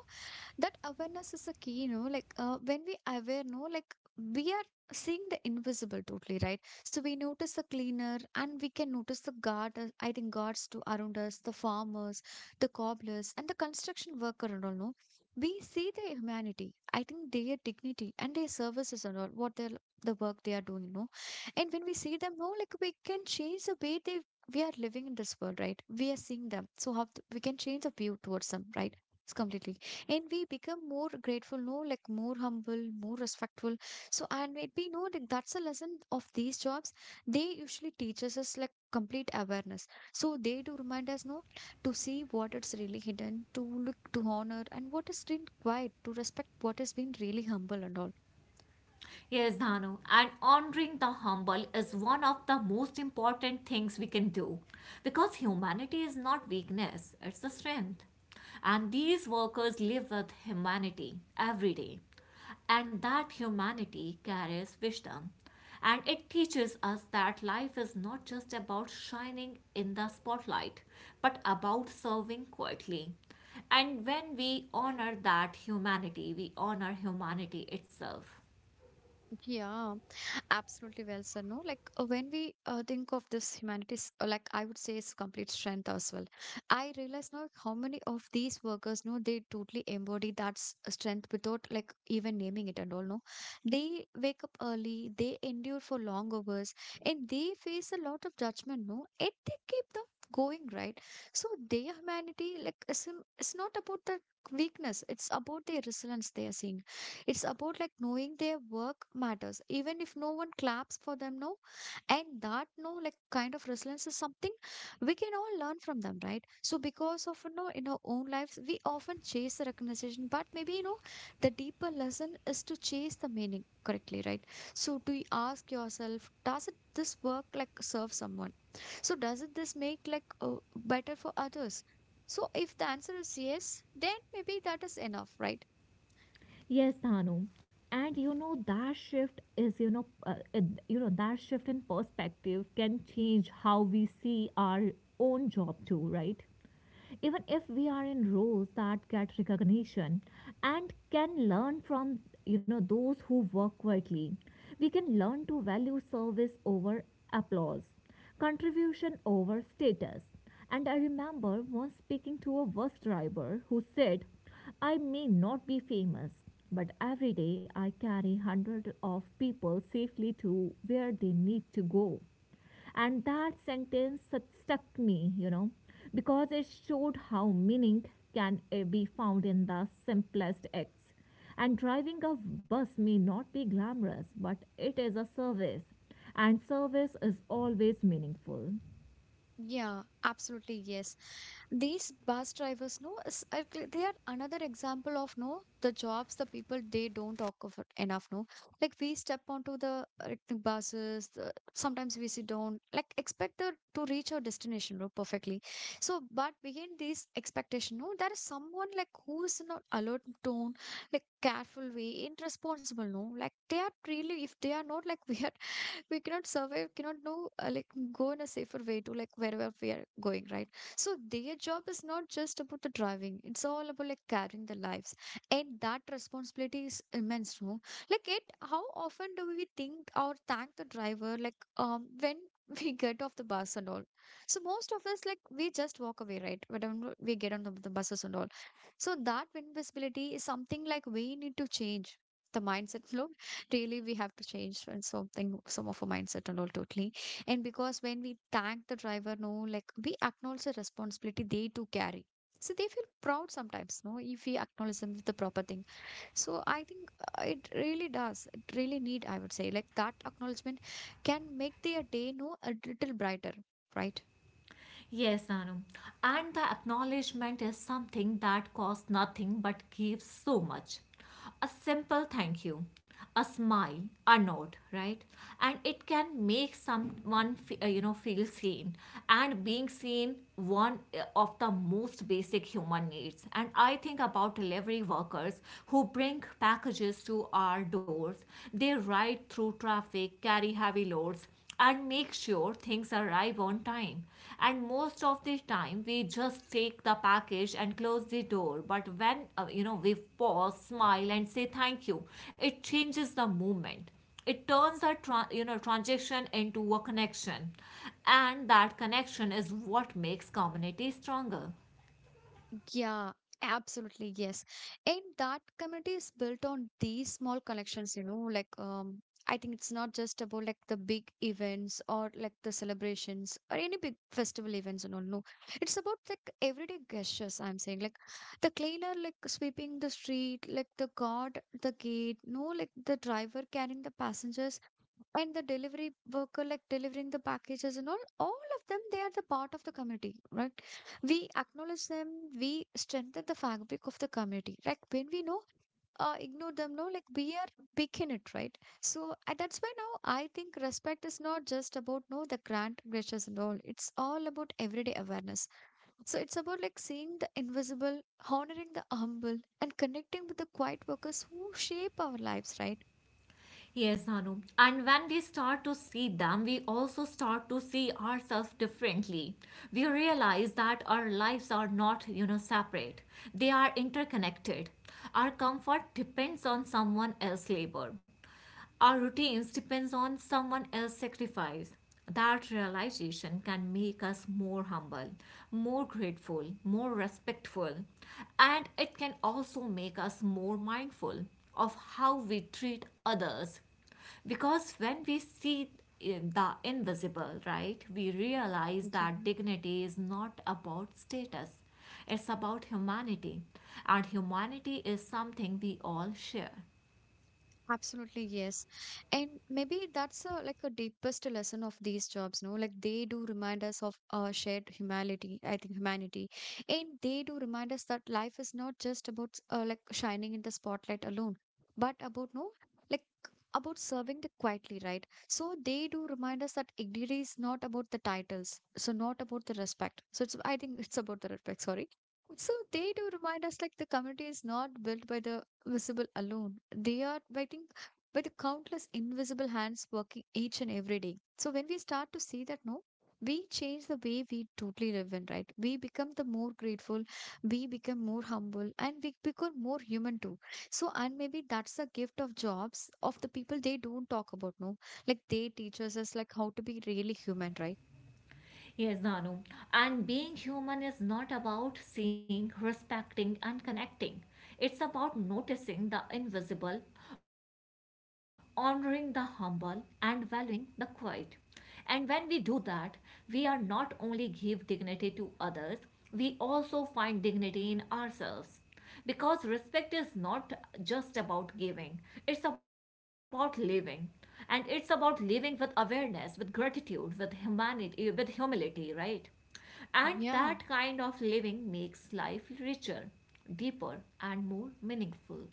that awareness is a key, you know, like uh, when we aware, no, like we are seeing the invisible totally, right? So we notice the cleaner and we can notice the guard, uh, I think guards to around us, the farmers, the cobblers and the construction worker and all, no, we see their humanity, I think, their dignity and their services and all what they're, the work they are doing, you know. And when we see them, no, like we can change the way they, we are living in this world, right? We are seeing them, so how th- we can change the view towards them, right? It's completely. And we become more grateful, no, like more humble, more respectful. So and maybe, no, like that's a lesson of these jobs. They usually teaches us like complete awareness. So they do remind us, no, to see what is really hidden, to look, to honor and what is being quiet, to respect what is being really humble and all.
Yes, Dhanu, and honoring the humble is one of the most important things we can do, because humanity is not weakness, it's a strength. And these workers live with humanity every day, and that humanity carries wisdom. And it teaches us that life is not just about shining in the spotlight, but about serving quietly. And when we honor that humanity, we honor humanity itself.
Yeah, absolutely, well sir. No, like uh, when we uh, think of this humanities, uh, like I would say, it's complete strength as well. I realize now how many of these workers, no, they totally embody that s- uh, strength without like even naming it and all. No, they wake up early, they endure for long hours, and they face a lot of judgment. No, and they keep them going, right. So their humanity, like, is, um, is not about the weakness; it's about their resilience. They are seeing, it's about like knowing their work matters, even if no one claps for them now. And that, no, like kind of resilience is something we can all learn from them, right? So because of, you know, in our own lives, we often chase the recognition, but maybe, you know, the deeper lesson is to chase the meaning correctly, right? So to y- ask yourself, does it this work like serve someone? So does it this make like uh, better for others? So if the answer is yes, then maybe that is enough, right?
Yes, Tanu. And you know that shift is you know uh, uh, you know that shift in perspective can change how we see our own job too, right? Even if we are in roles that get recognition, and can learn from, you know those who work quietly, we can learn to value service over applause, contribution over status. And I remember once speaking to a bus driver who said, "I may not be famous, but every day I carry hundreds of people safely to where they need to go." And that sentence stuck me, you know, because it showed how meaning can uh, be found in the simplest acts. And driving a bus may not be glamorous, but it is a service, and service is always meaningful.
Yeah, absolutely. Yes. These bus drivers, no, is- are cl- they are another example of, no, the jobs, the people they don't talk of it enough. No, like we step onto the, uh, like, the buses, the, sometimes we sit down, like expect the, to reach our destination, no, perfectly. So, but behind these expectation, no, there is someone like who is in an alert tone, like careful way, irresponsible. No, like they are really, if they are not like we are, we cannot survive, cannot know, uh, like go in a safer way to like wherever we are going, right? So their job is not just about the driving, it's all about like carrying the lives, and that responsibility is immense, no, like it, how often do we think or thank the driver, like um when we get off the bus and all. So most of us, like we just walk away, right, whenever we get on the, the buses and all. So that invisibility is something like we need to change the mindset flow, really, we have to change and something some of our mindset and all, totally. And because when we thank the driver, no, like we acknowledge the responsibility they too carry, so they feel proud sometimes, no, if we acknowledge them with the proper thing. So I think uh, it really does, it really need, I would say, like that acknowledgement can make their day, no, a little brighter, right?
Yes, Anu. And the acknowledgement is something that costs nothing but gives so much. A simple thank you, a smile, a nod, right? And it can make someone, fe- uh, you know, feel seen. And being seen, one uh, of the most basic human needs. And I think about delivery workers who bring packages to our doors. They ride through traffic, carry heavy loads, and make sure things arrive on time. And most of the time, we just take the package and close the door. But when uh, you know we pause, smile, and say thank you, it changes the moment. It turns a tra- you know transaction into a connection, and that connection is what makes community stronger.
Yeah, absolutely. Yes. And that community is built on these small connections, you know, like, um I think it's not just about like the big events or like the celebrations or any big festival events and all. No, it's about like everyday gestures. I'm saying, like the cleaner like sweeping the street, like the guard at the gate, no, like the driver carrying the passengers and the delivery worker like delivering the packages and all. All of them, they are the part of the community, right? We acknowledge them, we strengthen the fabric of the community. Like when we know, uh, ignore them, no, like we are big in it, right? So uh, that's why now I think respect is not just about no the grand gestures and all. It's all about everyday awareness. So it's about like seeing the invisible, honoring the humble, and connecting with the quiet workers who shape our lives, right?
Yes, Anu. And when we start to see them, we also start to see ourselves differently. We realize that our lives are not, you know, separate. They are interconnected. Our comfort depends on someone else's labor. Our routines depends on someone else's sacrifice. That realization can make us more humble, more grateful, more respectful, and it can also make us more mindful of how we treat others. Because when we see in the invisible, right, we realize
Yeah.
that dignity is not about status, it's about humanity, and humanity is something we all share.
Absolutely, yes. And maybe that's a, like a deepest lesson of these jobs, no? Like they do remind us of our shared humanity, I think, humanity. And they do remind us that life is not just about uh, like shining in the spotlight alone, but about, no, like about serving the quietly, right? So they do remind us that it really is not about the titles, so not about the respect. So it's, I think it's about the respect, sorry. So they do remind us like the community is not built by the visible alone. They are waiting by the countless invisible hands working each and every day. So when we start to see that, no, we change the way we totally live in, right? We become the more grateful, we become more humble, and we become more human too. So, and maybe that's the gift of jobs of the people they don't talk about, no? Like they teach us as like how to be really human, right?
Yes, Danu. And being human is not about seeing, respecting, and connecting. It's about noticing the invisible, honoring the humble, and valuing the quiet. And when we do that, we are not only give dignity to others, we also find dignity in ourselves because respect is not just about giving, it's about living. And it's about living with awareness, with gratitude, with humanity, with humility, right? And that
Yeah.
kind of living makes life richer, deeper, and more meaningful.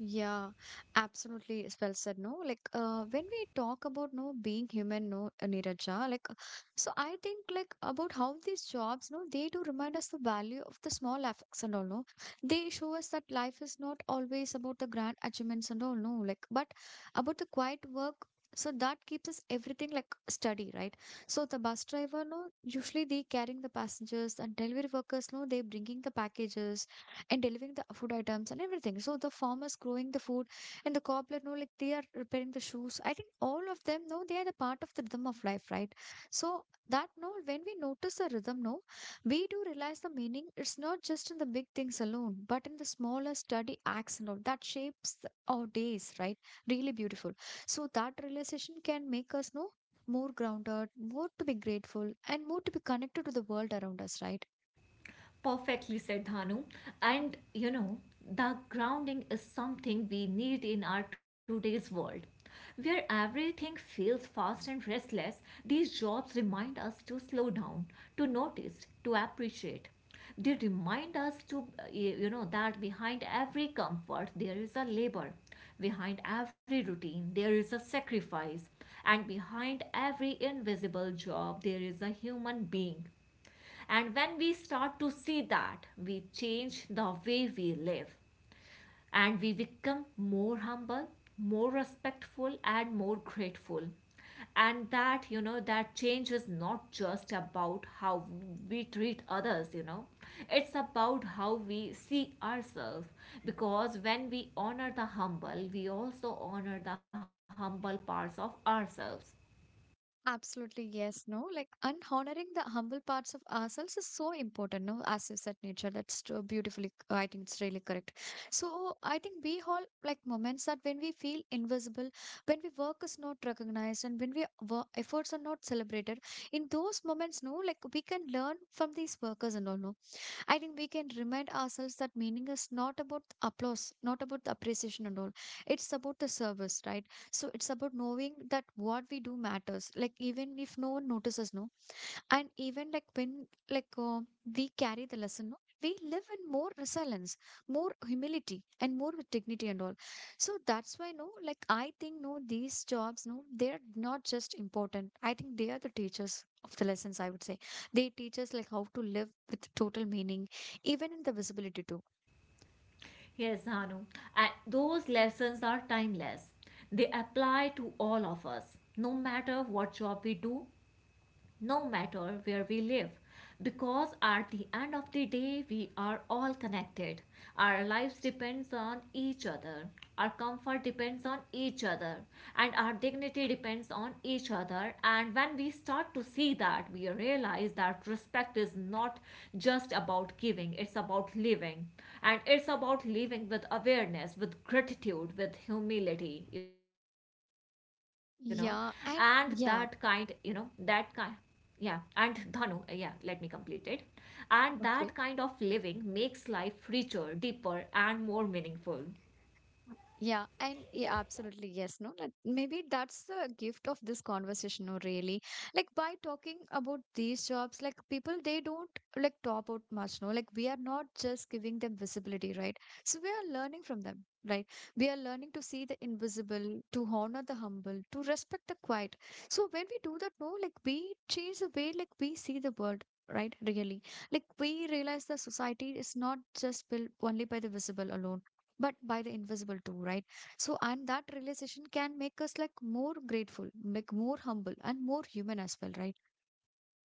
Yeah, absolutely. It's well said. No, like uh, when we talk about no being human, no, uh, Neeraja, like uh, so I think like about how these jobs, no, they do remind us the value of the small effects and all. No, they show us that life is not always about the grand achievements and all. No, like but about the quiet work. So that keeps us everything like steady, right? So the bus driver, no, usually they carrying the passengers, and delivery workers, no, they bringing the packages and delivering the food items and everything. So the farmers growing the food, and the cobbler, no, like they are repairing the shoes. I think all of them, no, they are the part of the rhythm of life, right? So that, no, when we notice the rhythm, no, we do realize the meaning. It's not just in the big things alone, but in the smaller study acts and all that shapes the- our days, right? Really beautiful. So that realization can make us, no, more grounded, more to be grateful, and more to be connected to the world around us, right?
Perfectly said Dhanu. And you know, the grounding is something we need in our today's world. Where everything feels fast and restless, these jobs remind us to slow down, to notice, to appreciate. They remind us to, uh, you know, that behind every comfort there is a labor, behind every routine there is a sacrifice, and behind every invisible job there is a human being. And when we start to see that, we change the way we live and we become more humble, more respectful, and more grateful. And that, you know, that change is not just about how we treat others, you know, it's about how we see ourselves. Because when we honor the humble, we also honor the humble parts of ourselves.
Absolutely, yes, no. Like, and honoring the humble parts of ourselves is so important, no? As you said, nature, that's so beautifully, c- I think it's really correct. So, I think we all like moments that when we feel invisible, when we work is not recognized, and when we wo- efforts are not celebrated, in those moments, no, like we can learn from these workers and all, no? I think we can remind ourselves that meaning is not about the applause, not about the appreciation and all. It's about the service, right? So it's about knowing that what we do matters. Like even if no one notices, no, and even like when like uh, we carry the lesson, no? We live in more resilience, more humility and more with dignity and all. So that's why, no, like I think, no, these jobs, no, they're not just important, I think they are the teachers of the lessons, I would say. They teach us like how to live with total meaning even in the visibility too.
Yes, Anu. And those lessons are timeless. They apply to all of us, no matter what job we do, no matter where we live. Because at the end of the day, we are all connected. Our lives depends on each other. Our comfort depends on each other. And our dignity depends on each other. And when we start to see that, we realize that respect is not just about giving, it's about living. And it's about living with awareness, with gratitude, with humility, you know. And that kind, you
Yeah.
know,
and
that kind
yeah
yeah and dhanu uh, yeah let me complete it and that kind of
Okay.
living makes life richer deeper and more meaningful.
Yeah, and yeah, absolutely, yes, no. That maybe that's the gift of this conversation, no, really. Like by talking about these jobs, like people they don't like talk about much, no. Like we are not just giving them visibility, right? So we are learning from them, right? We are learning to see the invisible, to honor the humble, to respect the quiet. So when we do that, no, like we change the way like we see the world. Right, really. Like we realize the society is not just built only by the visible alone but by the invisible too, right? So and that realization can make us like more grateful, like more humble and more human as well, right?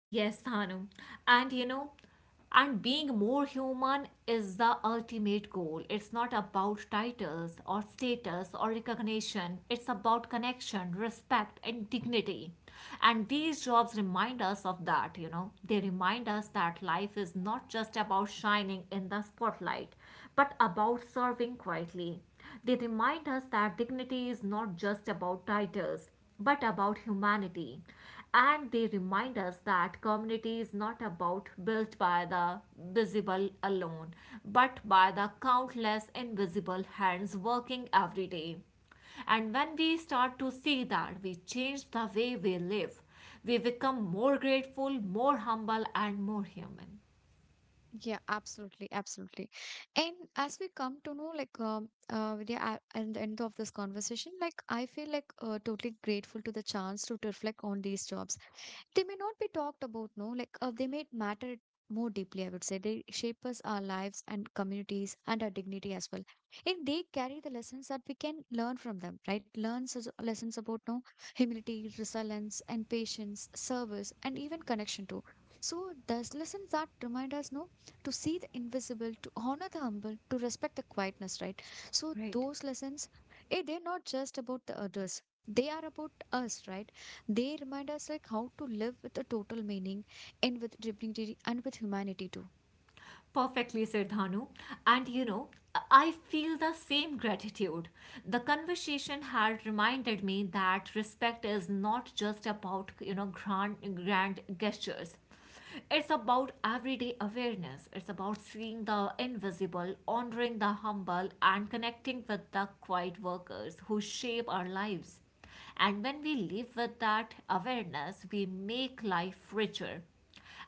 Yes, Thanum. And you know, and being more human is the ultimate goal. It's not about titles or status or recognition. It's about connection, respect, and dignity. And these jobs remind us of that, you know. They remind us that life is not just about shining in the spotlight, but about serving quietly. They remind us that dignity is not just about titles, but about humanity. And they remind us that community is not about built by the visible alone, but by the countless invisible hands working every day. And when we start to see that, we change the way we live. We become more grateful, more humble, and more human.
Yeah, absolutely, absolutely. And as we come to know like um uh Vidya, at, at the end of this conversation, like I feel like uh, totally grateful to the chance to reflect on these jobs. They may not be talked about, no, like uh, they may matter more deeply. I would say they shape us, our lives and communities and our dignity as well. And they carry the lessons that we can learn from them, right? Learn such lessons about, no, humility, resilience and patience, service and even connection too. So those lessons that remind us, no, to see the invisible, to honor the humble, to respect the quietness, right? So
Right.
those lessons, eh, they're not just about the others, they are about us, right? They remind us like how to live with a total meaning and with dignity and with humanity too.
Perfectly said, Dhanu. And you know, I feel the same gratitude. The conversation had reminded me that respect is not just about, you know, grand, grand gestures. It's about everyday awareness. It's about seeing the invisible, honoring the humble, and connecting with the quiet workers who shape our lives. And when we live with that awareness, we make life richer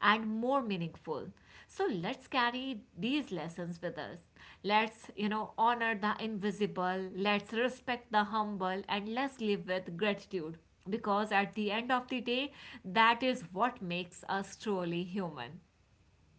and more meaningful. So let's carry these lessons with us. Let's, you know, honor the invisible, let's respect the humble, and let's live with gratitude because at the end of the day, that is what makes us truly human.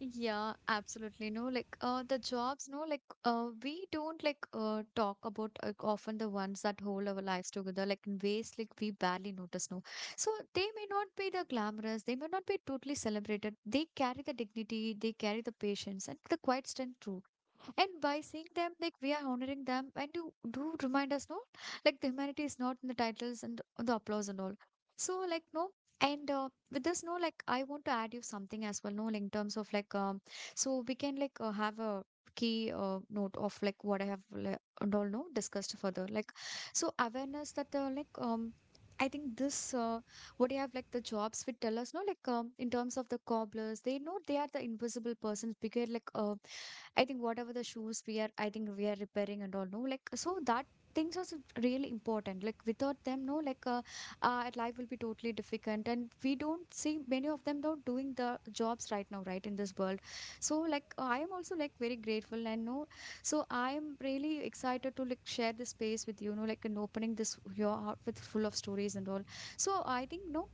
Yeah, absolutely. No, like uh, the jobs, no, like uh, we don't like uh, talk about uh, often the ones that hold our lives together, like in ways like we barely notice. No, so they may not be the glamorous, they may not be totally celebrated. They carry the dignity, they carry the patience and the quiet strength too. And by seeing them, like we are honoring them and you do remind us, no, like the humanity is not in the titles and the the applause and all. So like no, and uh, with this, no, like I want to add you something as well, no, like, in terms of like um, so we can like uh, have a key uh, note of like what I have like, and all no discussed further, like so awareness that uh, like um. I think this uh, what you have like the jobs we tell us, no, like um, in terms of the cobblers, they know they are the invisible persons because like uh, I think whatever the shoes we are, I think we are repairing and all, no, like so that things are so really important. Like without them, no, like uh, our life will be totally difficult, and we don't see many of them don't doing the jobs right now, right in this world. So like I am also like very grateful, and no, so I am really excited to like share this space with you, no, like and opening this your heart with full of stories and all. So I think no,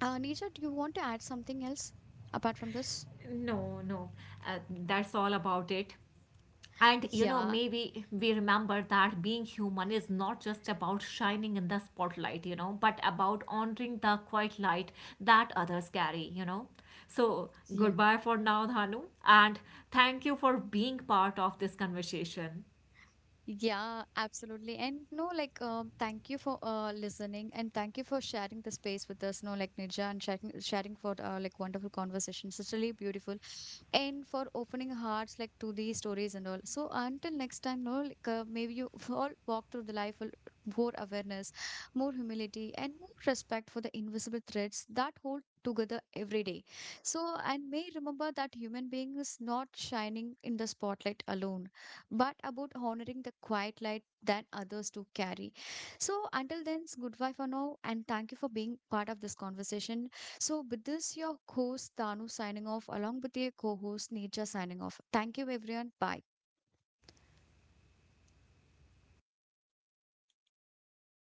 uh, Nisha, do you want to add something else apart from this?
No, no, uh, That's all about it. And you know,
Yeah,
maybe we remember that being human is not just about shining in the spotlight, you know, but about honoring the quiet light that others carry, you know. So,
yeah.
goodbye for now, Dhanu, and thank you for being part of this conversation.
Yeah, absolutely. And no, like, um, thank you for uh, listening and thank you for sharing the space with us. No, like Nija, and sharing, sharing for uh, like wonderful conversations. It's really beautiful. And for opening hearts like to these stories and all. So until next time, no, like uh, maybe you all walk through the life with more awareness, more humility, and more respect for the invisible threads that hold together every day. So and may remember that human being is not shining in the spotlight alone but about honoring the quiet light that others do carry. So until then, it's goodbye for now, and thank you for being part of this conversation. So with this, your host Tanu signing off, along with your co-host Neerja signing off. Thank you, everyone. Bye.